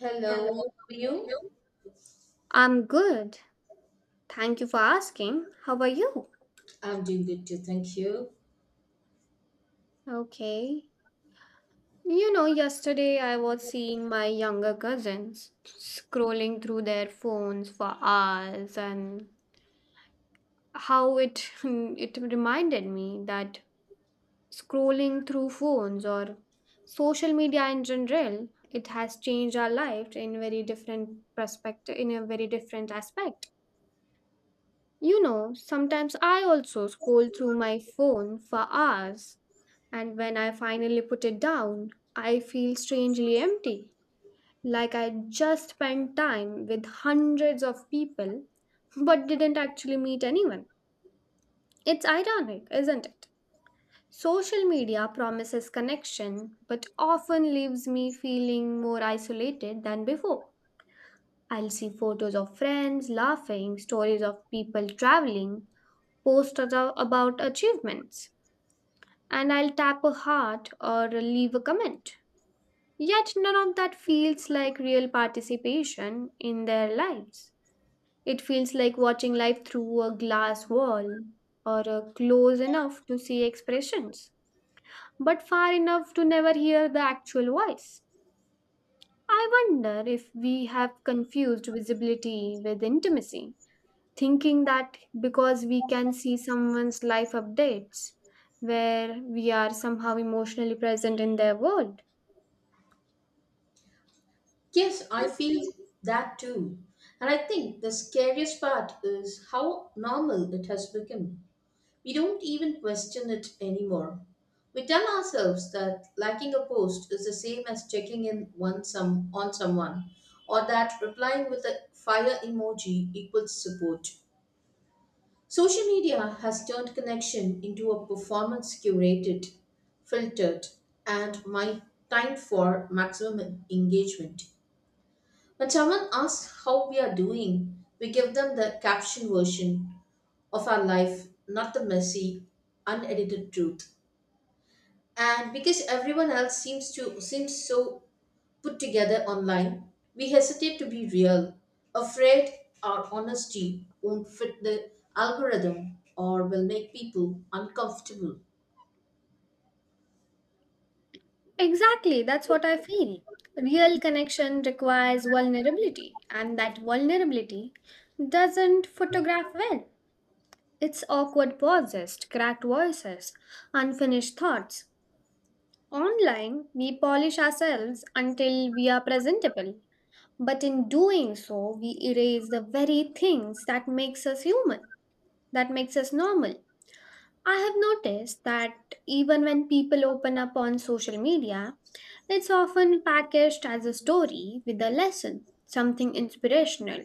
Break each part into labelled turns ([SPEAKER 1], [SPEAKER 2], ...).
[SPEAKER 1] Hello,
[SPEAKER 2] Hello.
[SPEAKER 1] how are you?
[SPEAKER 2] You? I'm good. Thank you for asking. How are you?
[SPEAKER 1] I'm doing good too, thank you.
[SPEAKER 2] Okay. You know, yesterday I was seeing my younger cousins scrolling through their phones for hours and how it it reminded me that scrolling through phones or social media in general, it has changed our life in very different perspective in a very different aspect. You know, sometimes I also scroll through my phone for hours, and when I finally put it down, I feel strangely empty, like I just spent time with hundreds of people but didn't actually meet anyone. It's ironic, isn't it? Social media promises connection but often leaves me feeling more isolated than before. I'll see photos of friends laughing, stories of people traveling, about achievements, and I'll tap a heart or leave a comment. Yet none of that feels like real participation in their lives. It feels like watching life through a glass wall or a close enough to see expressions, but far enough to never hear the actual voice. I wonder if we have confused visibility with intimacy, thinking that because we can see someone's life updates where we are somehow emotionally present in their world.
[SPEAKER 1] Yes, I feel that too. And I think the scariest part is how normal it has become. We don't even question it anymore. We tell ourselves that liking a post is the same as checking in one some on someone, or that replying with a fire emoji equals support. Social media has turned connection into a performance curated, filtered, and my time for maximum engagement. When someone asks how we are doing, we give them the caption version of our life, not the messy, unedited truth. And because everyone else seems so put together online, we hesitate to be real, afraid our honesty won't fit the algorithm or will make people uncomfortable.
[SPEAKER 2] Exactly, that's what I feel. Real connection requires vulnerability, and that vulnerability doesn't photograph well. It's awkward pauses, cracked voices, unfinished thoughts. Online, we polish ourselves until we are presentable. But in doing so, we erase the very things that makes us human, that makes us normal. I have noticed that even when people open up on social media, it's often packaged as a story with a lesson, something inspirational.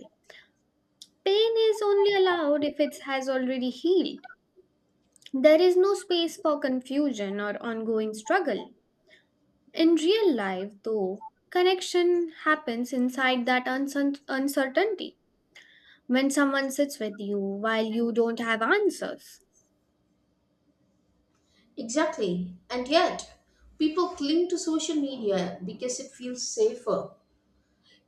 [SPEAKER 2] Pain is only allowed if it has already healed. There is no space for confusion or ongoing struggle. In real life, though, connection happens inside that uncertainty, when someone sits with you while you don't have answers.
[SPEAKER 1] Exactly. And yet, people cling to social media because it feels safer.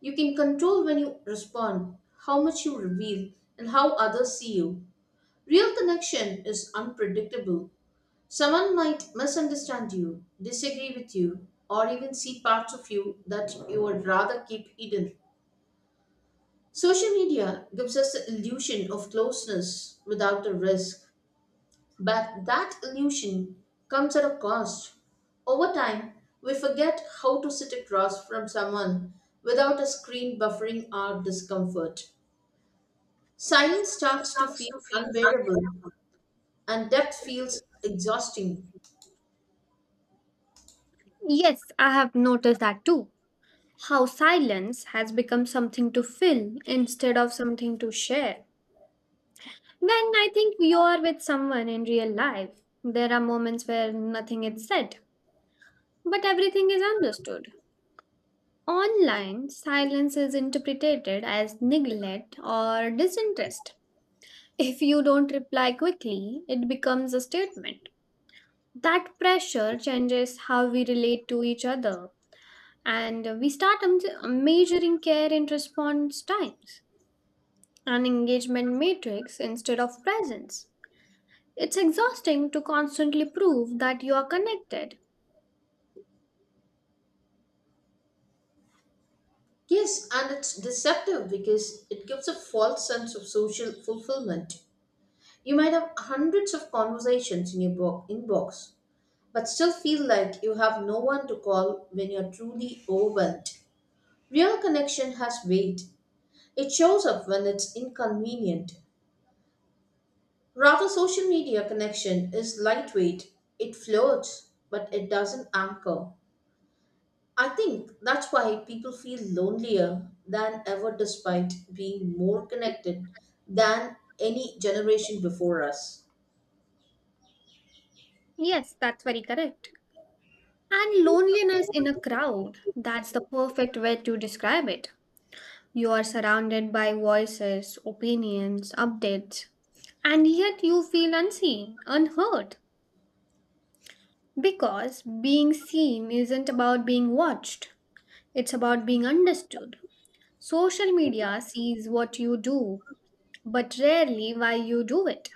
[SPEAKER 1] You can control when you respond, how much you reveal, and how others see you. Real connection is unpredictable. Someone might misunderstand you, disagree with you, or even see parts of you that you would rather keep hidden. Social media gives us the illusion of closeness without the risk, but that illusion comes at a cost. Over time, we forget how to sit across from someone without a screen buffering our discomfort. Silence starts to feel unbearable, and depth feels exhausting.
[SPEAKER 2] Yes, I have noticed that too. How silence has become something to fill instead of something to share. When I think you are with someone in real life, there are moments where nothing is said, but everything is understood. Online, silence is interpreted as neglect or disinterest. If you don't reply quickly, it becomes a statement. That pressure changes how we relate to each other, and we start measuring care in response times, an engagement matrix instead of presence. It's exhausting to constantly prove that you are connected.
[SPEAKER 1] Yes, and it's deceptive because it gives a false sense of social fulfillment. You might have hundreds of conversations in your inbox, but still feel like you have no one to call when you're truly overwhelmed. Real connection has weight. It shows up when it's inconvenient. Rather, social media connection is lightweight. It floats, but it doesn't anchor. I think that's why people feel lonelier than ever despite being more connected than any generation before us.
[SPEAKER 2] Yes, that's very correct. And loneliness in a crowd, that's the perfect way to describe it. You are surrounded by voices, opinions, updates, and yet you feel unseen, unheard. Because being seen isn't about being watched, it's about being understood. Social media sees what you do, but rarely why you do it.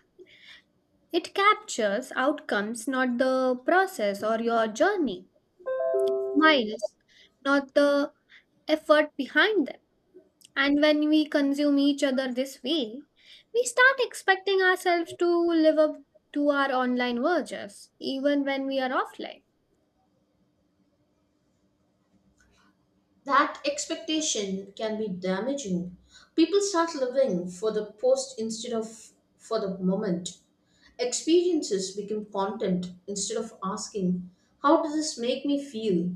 [SPEAKER 2] It captures outcomes, not the process or your journey, smiles, not the effort behind them. And when we consume each other this way, we start expecting ourselves to live up to our online versions, even when we are offline.
[SPEAKER 1] That expectation can be damaging. People start living for the post instead of for the moment. Experiences become content instead of asking, how does this make me feel?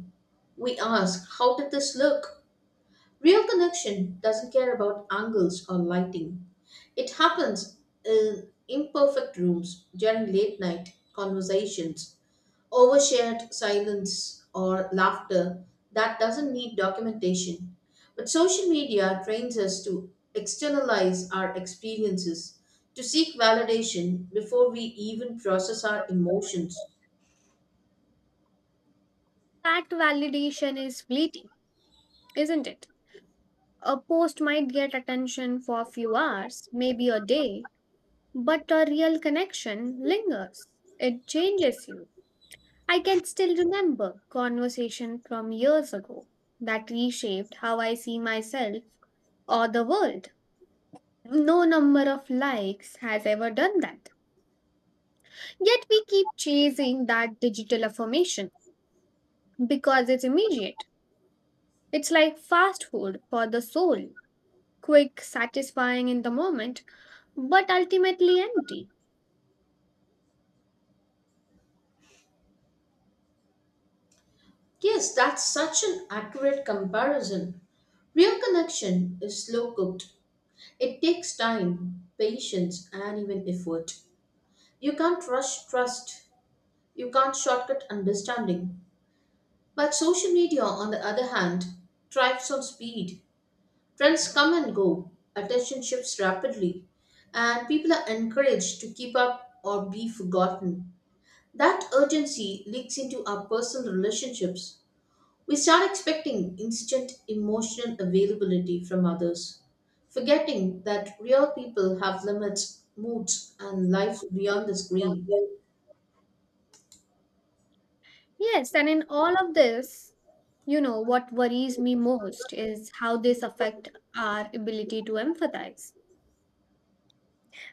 [SPEAKER 1] We ask, how did this look? Real connection doesn't care about angles or lighting. It happens in imperfect rooms during late night conversations, overshared silence, or laughter that doesn't need documentation. But social media trains us to externalize our experiences, to seek validation before we even process our emotions.
[SPEAKER 2] That validation is fleeting, isn't it? A post might get attention for a few hours, maybe a day, but a real connection lingers. It changes you. I can still remember conversation from years ago that reshaped how I see myself or the world. No number of likes has ever done that. Yet we keep chasing that digital affirmation because it's immediate. It's like fast food for the soul. Quick, satisfying in the moment, but ultimately empty.
[SPEAKER 1] Yes, that's such an accurate comparison. Real connection is slow cooked. It takes time, patience, and even effort. You can't rush trust, you can't shortcut understanding. But social media, on the other hand, thrives on speed. Trends come and go, attention shifts rapidly, and people are encouraged to keep up or be forgotten. That urgency leaks into our personal relationships. We start expecting instant emotional availability from others, forgetting that real people have limits, moods, and lives beyond the
[SPEAKER 2] Yeah.
[SPEAKER 1] screen.
[SPEAKER 2] Yes, and in all of this, you know, what worries me most is how this affect our ability to empathize.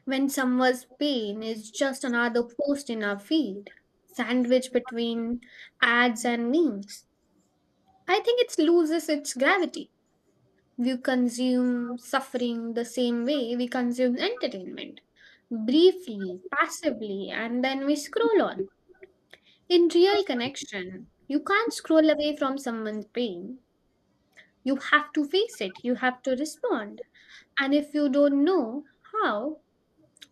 [SPEAKER 2] When someone's pain is just another post in our feed, sandwiched between ads and memes, I think it loses its gravity. We consume suffering the same way we consume entertainment, briefly, passively, and then we scroll on. In real connection, you can't scroll away from someone's pain. You have to face it, you have to respond. And if you don't know how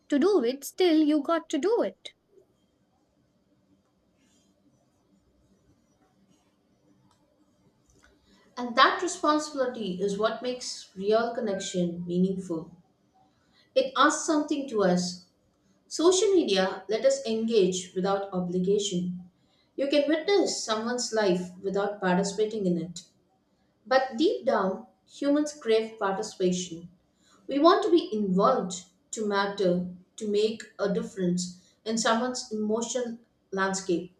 [SPEAKER 2] to do it, still you got to do it.
[SPEAKER 1] And that responsibility is what makes real connection meaningful. It asks something to us. Social media let us engage without obligation. You can witness someone's life without participating in it. But deep down, humans crave participation. We want to be involved, to matter, to make a difference in someone's emotional landscape.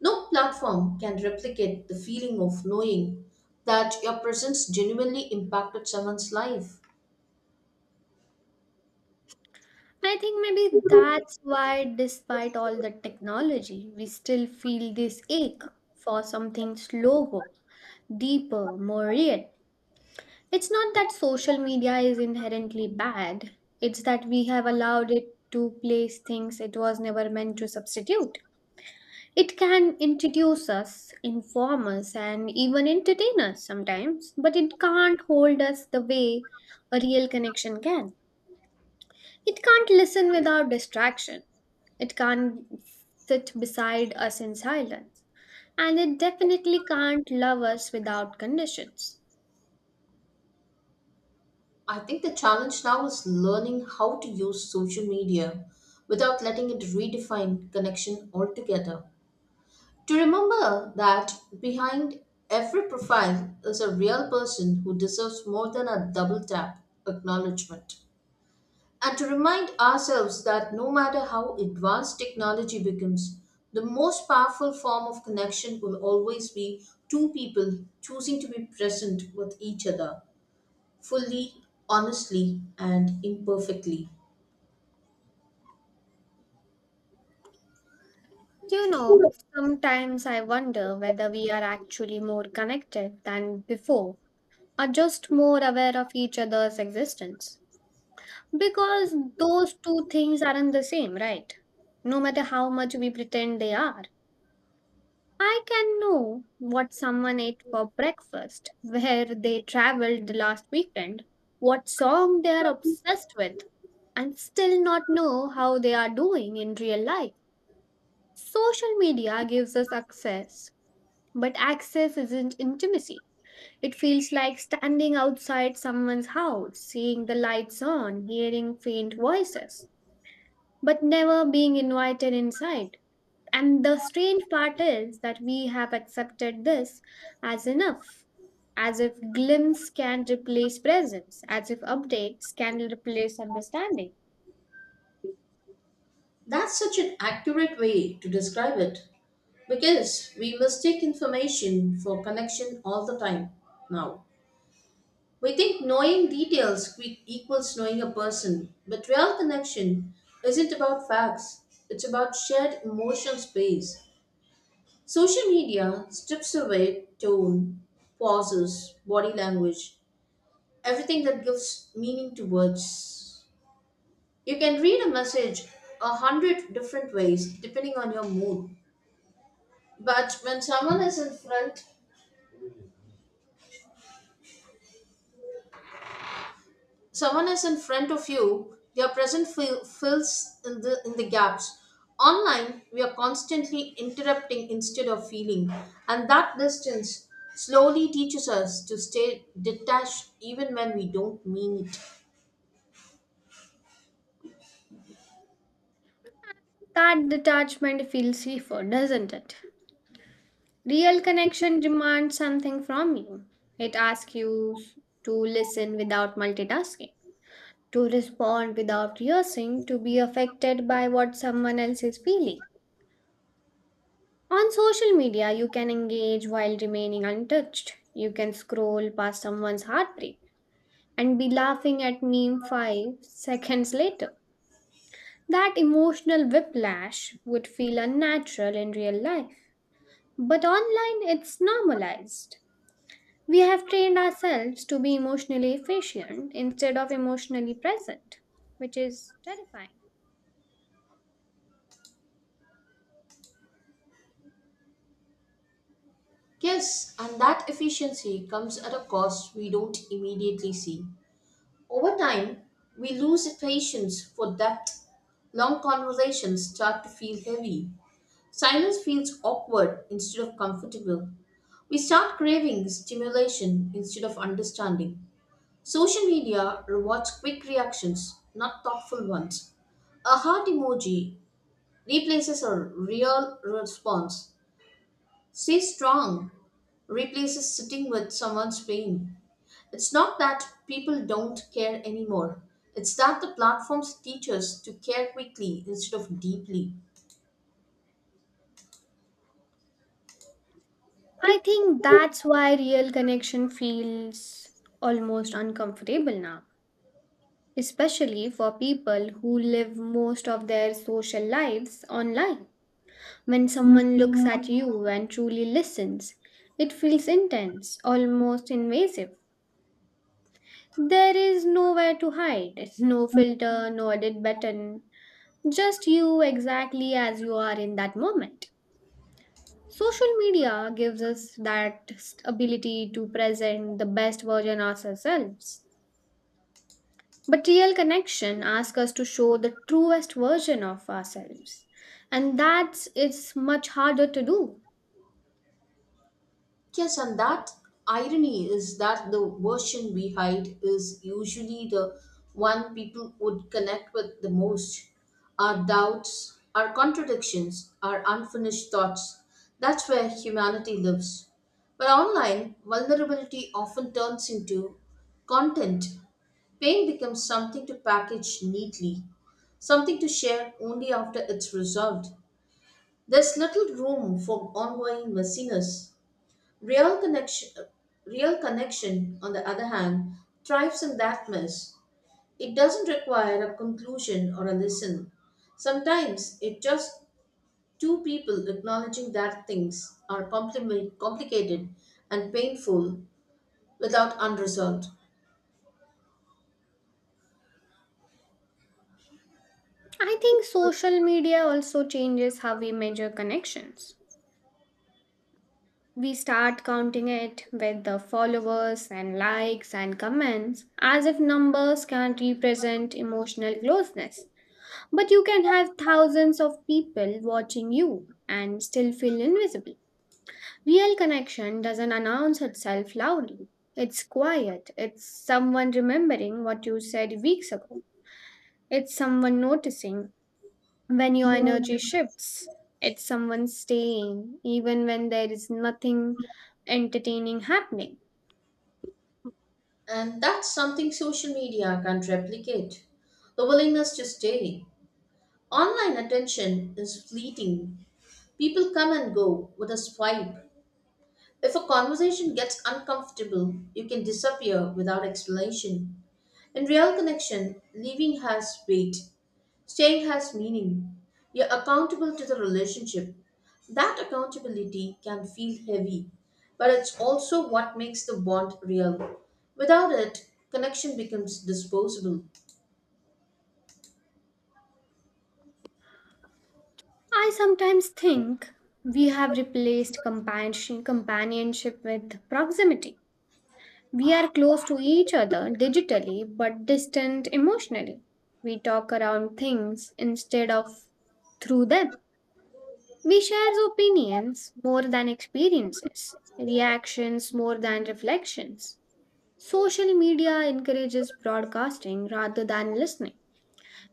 [SPEAKER 1] No platform can replicate the feeling of knowing that your presence genuinely impacted someone's life.
[SPEAKER 2] And I think maybe that's why, despite all the technology, we still feel this ache for something slower, deeper, more real. It's not that social media is inherently bad, it's that we have allowed it to place things it was never meant to substitute. It can introduce us, inform us, and even entertain us sometimes, but it can't hold us the way a real connection can. It can't listen without distraction. It can't sit beside us in silence. And it definitely can't love us without conditions.
[SPEAKER 1] I think the challenge now is learning how to use social media without letting it redefine connection altogether. To remember that behind every profile is a real person who deserves more than a double tap acknowledgement. And to remind ourselves that no matter how advanced technology becomes, the most powerful form of connection will always be two people choosing to be present with each other fully, honestly, and imperfectly.
[SPEAKER 2] You know, sometimes I wonder whether we are actually more connected than before, or just more aware of each other's existence. Because those two things aren't the same, right? No matter how much we pretend they are. I can know what someone ate for breakfast, where they traveled the last weekend, what song they are obsessed with, and still not know how they are doing in real life. Social media gives us access, but access isn't intimacy. It feels like standing outside someone's house, seeing the lights on, hearing faint voices but never being invited inside. And the strange part is that we have accepted this as enough, as if glimpse can replace presence, as if updates can replace understanding.
[SPEAKER 1] That's such an accurate way to describe it. Because we mistake information for connection all the time now. We think knowing equals knowing a person, but real connection isn't about facts, it's about shared emotional space. Social media strips away tone, pauses, body language, everything that gives meaning to words. You can read a message a hundred different ways depending on your mood. But when someone is in front someone is in front of you your present fills in the gaps. Online, we are constantly interrupting instead of feeling, and that distance slowly teaches us to stay detached even when we don't mean it.
[SPEAKER 2] That detachment feels safer, doesn't it? Real connection demands something from you. It asks you to listen without multitasking, to respond without rehearsing, to be affected by what someone else is feeling. On social media, you can engage while remaining untouched. You can scroll past someone's heartbreak and be laughing at meme 5 seconds later. That emotional whiplash would feel unnatural in real life. But online, it's normalized. We have trained ourselves to be emotionally efficient instead of emotionally present, which is terrifying.
[SPEAKER 1] Yes, and that efficiency comes at a cost we don't immediately see. Over time, we lose patience for depth. Long conversations start to feel heavy, silence feels awkward instead of comfortable. We start craving stimulation instead of understanding. Social media rewards quick reactions, not thoughtful ones. A heart emoji replaces a real response. Stay strong replaces sitting with someone's pain. It's not that people don't care anymore, it's that the platforms teach us to care quickly instead of deeply.
[SPEAKER 2] I think that's why real connection feels almost uncomfortable now, especially for people who live most of their social lives online. When someone looks at you and truly listens, it feels intense, almost invasive. There is nowhere to hide, no filter, no edit button, just you exactly as you are in that moment. Social media gives us that ability to present the best version of ourselves. But real connection asks us to show the truest version of ourselves. And that's, it's much harder to do.
[SPEAKER 1] Yes, and that irony is that the version we hide is usually the one people would connect with the most. Our doubts, our contradictions, our unfinished thoughts. That's where humanity lives. But online, vulnerability often turns into content. Pain becomes something to package neatly, something to share only after it's resolved. There's little room for ongoing messiness. Real connection, Real connection, on the other hand, thrives in that mess. It doesn't require a conclusion or a lesson. Sometimes it just two people acknowledging that things are complicated and painful without unresolved.
[SPEAKER 2] I think social media also changes how we measure connections. We start counting it with the followers and likes and comments as if numbers can't represent emotional closeness. But you can have thousands of people watching you and still feel invisible. Real connection doesn't announce itself loudly. It's quiet. It's someone remembering what you said weeks ago. It's someone noticing when your energy shifts. It's someone staying even when there is nothing entertaining happening.
[SPEAKER 1] And that's something social media can't replicate. The willingness to stay. Online attention is fleeting. People come and go with a swipe. If a conversation gets uncomfortable, you can disappear without explanation. In real connection, leaving has weight, staying has meaning. You're accountable to the relationship. That accountability can feel heavy, but it's also what makes the bond real. Without it, connection becomes disposable.
[SPEAKER 2] I sometimes think we have replaced companionship with proximity. We are close to each other digitally but distant emotionally. We talk around things instead of through them. We share opinions more than experiences, reactions more than reflections. Social media encourages broadcasting rather than listening.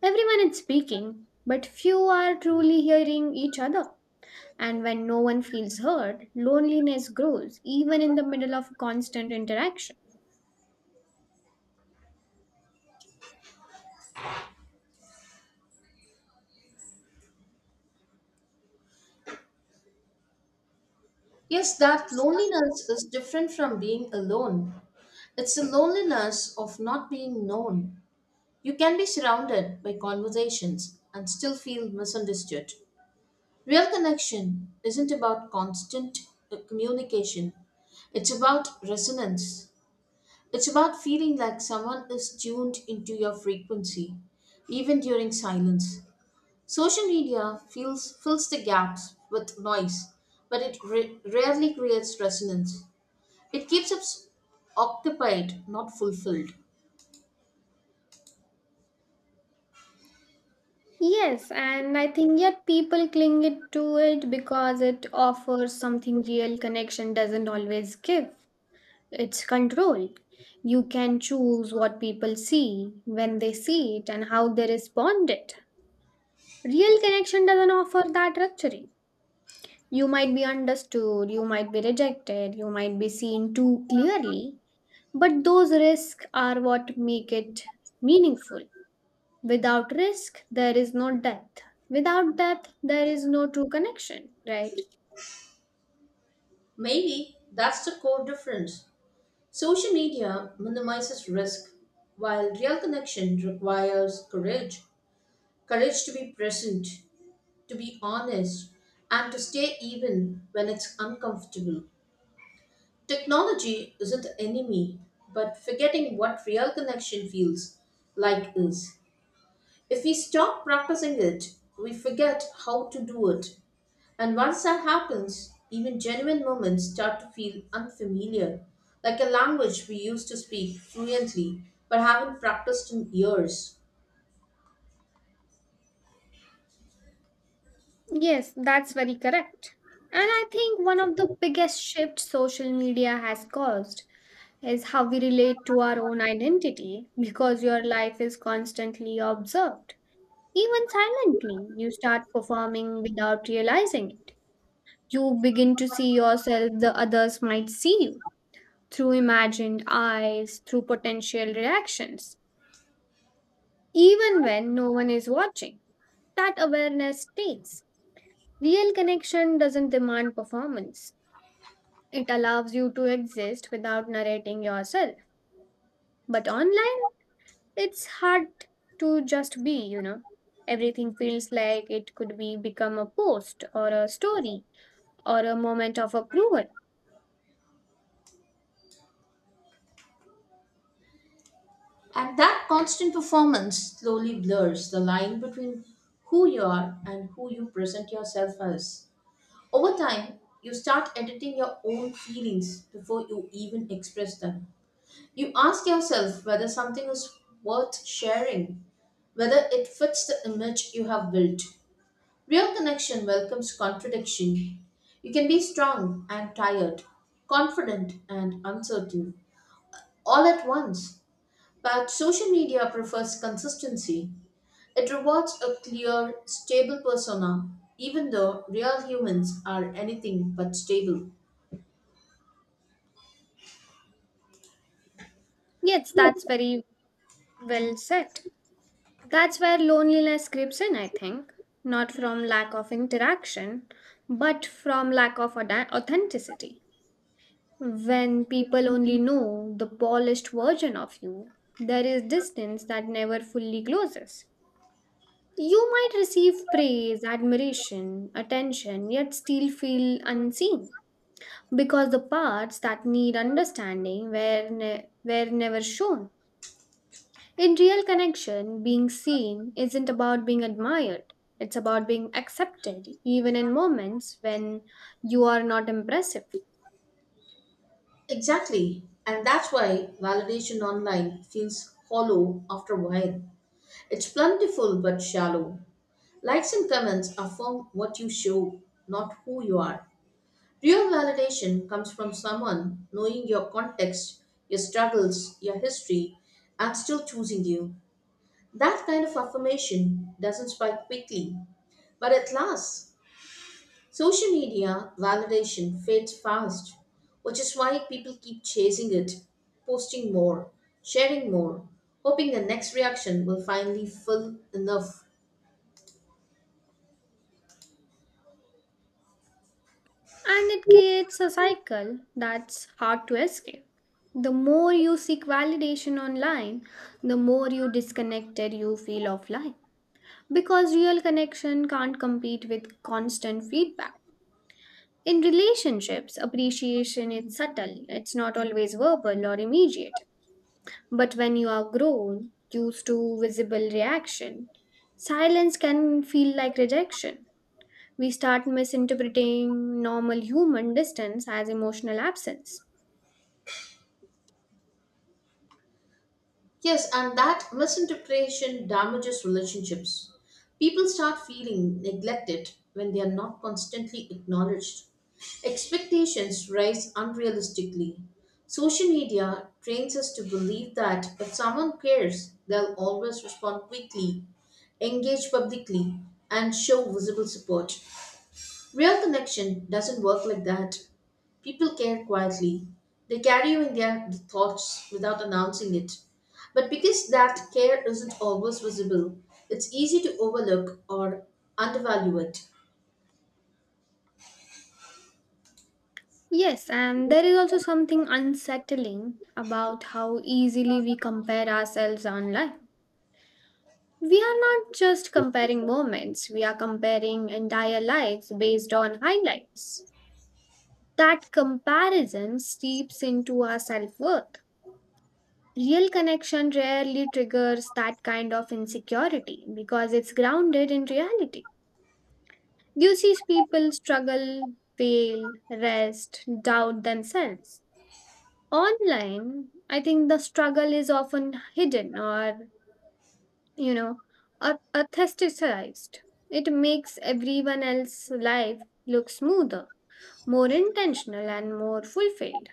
[SPEAKER 2] Everyone is speaking, but few are truly hearing each other. And when no one feels heard, loneliness grows even in the middle of constant interaction.
[SPEAKER 1] Yes, that loneliness is different from being alone. It's the loneliness of not being known. You can be surrounded by conversations and still feel misunderstood. Real connection isn't about constant communication, it's about resonance. It's about feeling like someone is tuned into your frequency, even during silence. Social media fills the gaps with noise, but it rarely creates resonance. It keeps us occupied, not fulfilled.
[SPEAKER 2] Yes, and I think yet people cling it to it because it offers something real connection doesn't always give. It's control. You can choose what people see, when they see it, and how they respond it. Real connection doesn't offer that luxury. You might be understood, you might be rejected, you might be seen too clearly, but those risks are what make it meaningful. Without risk, there is no depth. Without depth, there is no true connection, right?
[SPEAKER 1] Maybe that's the core difference. Social media minimizes risk, while real connection requires courage, courage to be present, to be honest, and to stay even when it's uncomfortable. Technology isn't the enemy, but forgetting what real connection feels like is. If we stop practicing it, we forget how to do it, and once that happens, even genuine moments start to feel unfamiliar, like a language we used to speak fluently but haven't practiced in years.
[SPEAKER 2] Yes, that's very correct. And I think one of the biggest shifts social media has caused is how we relate to our own identity because your life is constantly observed. Even silently, you start performing without realizing it. You begin to see yourself the others might see you through imagined eyes, through potential reactions, even when no one is watching. That awareness stays. Real connection doesn't demand performance, it allows you to exist without narrating yourself. But online, it's hard to just be, you know. Everything feels like it could be become a post or a story or a moment of approval.
[SPEAKER 1] And that constant performance slowly blurs the line between who you are and who you present yourself as. Over time, you start editing your own feelings before you even express them. You ask yourself whether something is worth sharing, whether it fits the image you have built. Real connection welcomes contradiction. You can be strong and tired, confident and uncertain, all at once. But social media prefers consistency. It rewards a clear, stable persona, even though real humans are anything but stable.
[SPEAKER 2] Yes, that's very well said. That's where loneliness creeps in, I think. Not from lack of interaction, but from lack of authenticity. When people only know the polished version of you, there is distance that never fully closes. You might receive praise, admiration, attention, yet still feel unseen because the parts that need understanding were never shown. In real connection, being seen isn't about being admired, it's about being accepted, even in moments when you are not impressive.
[SPEAKER 1] Exactly. And that's why validation online feels hollow after a while. It's plentiful but shallow. Likes and comments affirm what you show, not who you are. Real validation comes from someone knowing your context, your struggles, your history, and still choosing you. That kind of affirmation doesn't spike quickly, but it lasts. Social media validation fades fast, which is why people keep chasing it, posting more, sharing more, hoping the next reaction will finally feel enough.
[SPEAKER 2] And it creates a cycle that's hard to escape. The more you seek validation online, the more you disconnected you feel offline. Because real connection can't compete with constant feedback. In relationships, appreciation is subtle, it's not always verbal or immediate. But when you are grown, used to visible reaction, silence can feel like rejection. We start misinterpreting normal human distance as emotional absence.
[SPEAKER 1] Yes, and that misinterpretation damages relationships. People start feeling neglected when they are not constantly acknowledged. Expectations rise unrealistically. Social media trains us to believe that if someone cares, they'll always respond quickly, engage publicly, and show visible support. Real connection doesn't work like that. People care quietly. They carry you in their thoughts without announcing it. But because that care isn't always visible, it's easy to overlook or undervalue it.
[SPEAKER 2] Yes, and there is also something unsettling about how easily we compare ourselves online. We are not just comparing moments, we are comparing entire lives based on highlights. That comparison seeps into our self worth. Real connection rarely triggers that kind of insecurity because it's grounded in reality. You see people struggle, fail, rest, doubt themselves. Online, I think the struggle is often hidden or, you know, aestheticized. It makes everyone else's life look smoother, more intentional, and more fulfilled.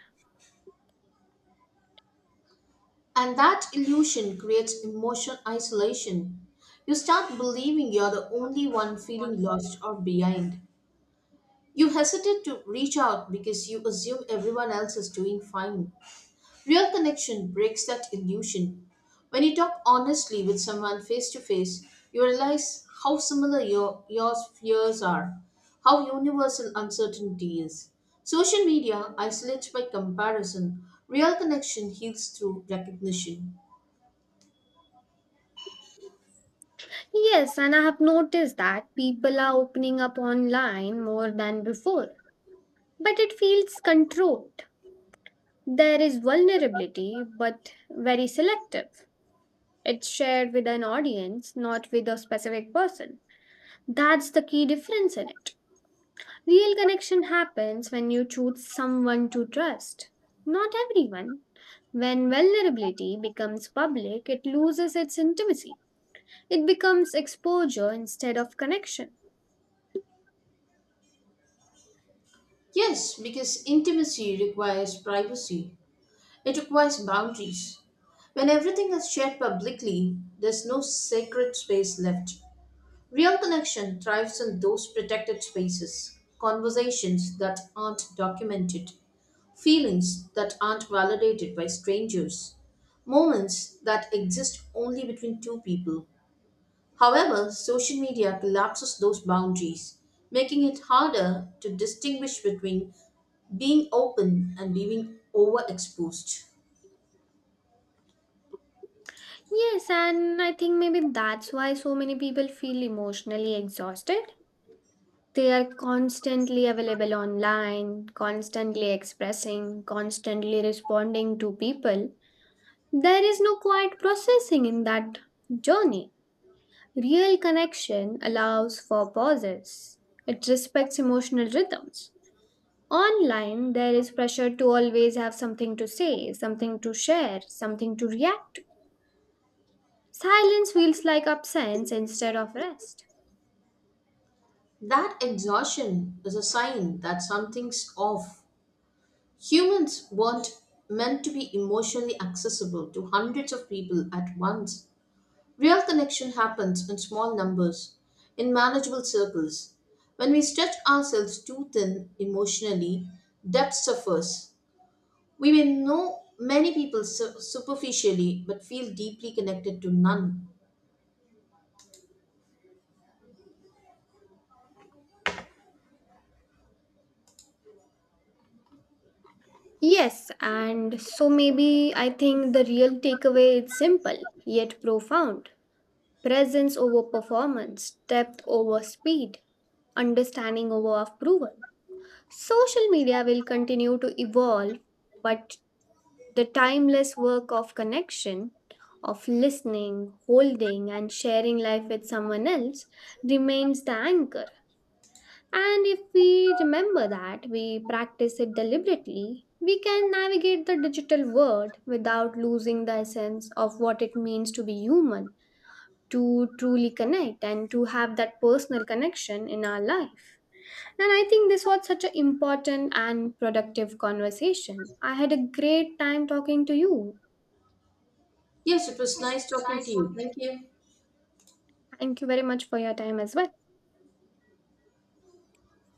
[SPEAKER 1] And that illusion creates emotional isolation. You start believing you're the only one feeling lost or behind. You hesitate to reach out because you assume everyone else is doing fine. Real connection breaks that illusion. When you talk honestly with someone face to face, you realize how similar your fears are, how universal uncertainty is. Social media isolates by comparison, real connection heals through recognition.
[SPEAKER 2] Yes, and I have noticed that people are opening up online more than before. But it feels controlled. There is vulnerability, but very selective. It's shared with an audience, not with a specific person. That's the key difference in it. Real connection happens when you choose someone to trust, not everyone. When vulnerability becomes public, it loses its intimacy. It becomes exposure instead of connection.
[SPEAKER 1] Yes, because intimacy requires privacy, it requires boundaries. When everything is shared publicly, there's no sacred space left. Real connection thrives in those protected spaces, conversations that aren't documented, feelings that aren't validated by strangers, moments that exist only between two people. However, social media collapses those boundaries, making it harder to distinguish between being open and being overexposed.
[SPEAKER 2] Yes, and I think maybe that's why so many people feel emotionally exhausted. They are constantly available online, constantly expressing, constantly responding to people. There is no quiet processing in that journey. Real connection allows for pauses, it respects emotional rhythms. Online, there is pressure to always have something to say, something to share, something to react to. Silence feels like absence instead of rest.
[SPEAKER 1] That exhaustion is a sign that something's off. Humans weren't meant to be emotionally accessible to hundreds of people at once. Real connection happens in small numbers, in manageable circles. When we stretch ourselves too thin emotionally, depth suffers. We may know many people superficially but feel deeply connected to none.
[SPEAKER 2] Yes, and so maybe I think the real takeaway is simple yet profound, presence over performance, depth over speed, understanding over approval. Social media will continue to evolve, but the timeless work of connection, of listening, holding, and sharing life with someone else remains the anchor. And if we remember that we practice it deliberately, we can navigate the digital world without losing the essence of what it means to be human, to truly connect, and to have that personal connection in our life. And I think this was such an important and productive conversation. I had a great time talking to you.
[SPEAKER 1] Yes, it was nice talking to you. Thank you.
[SPEAKER 2] Thank you very much for your time as well.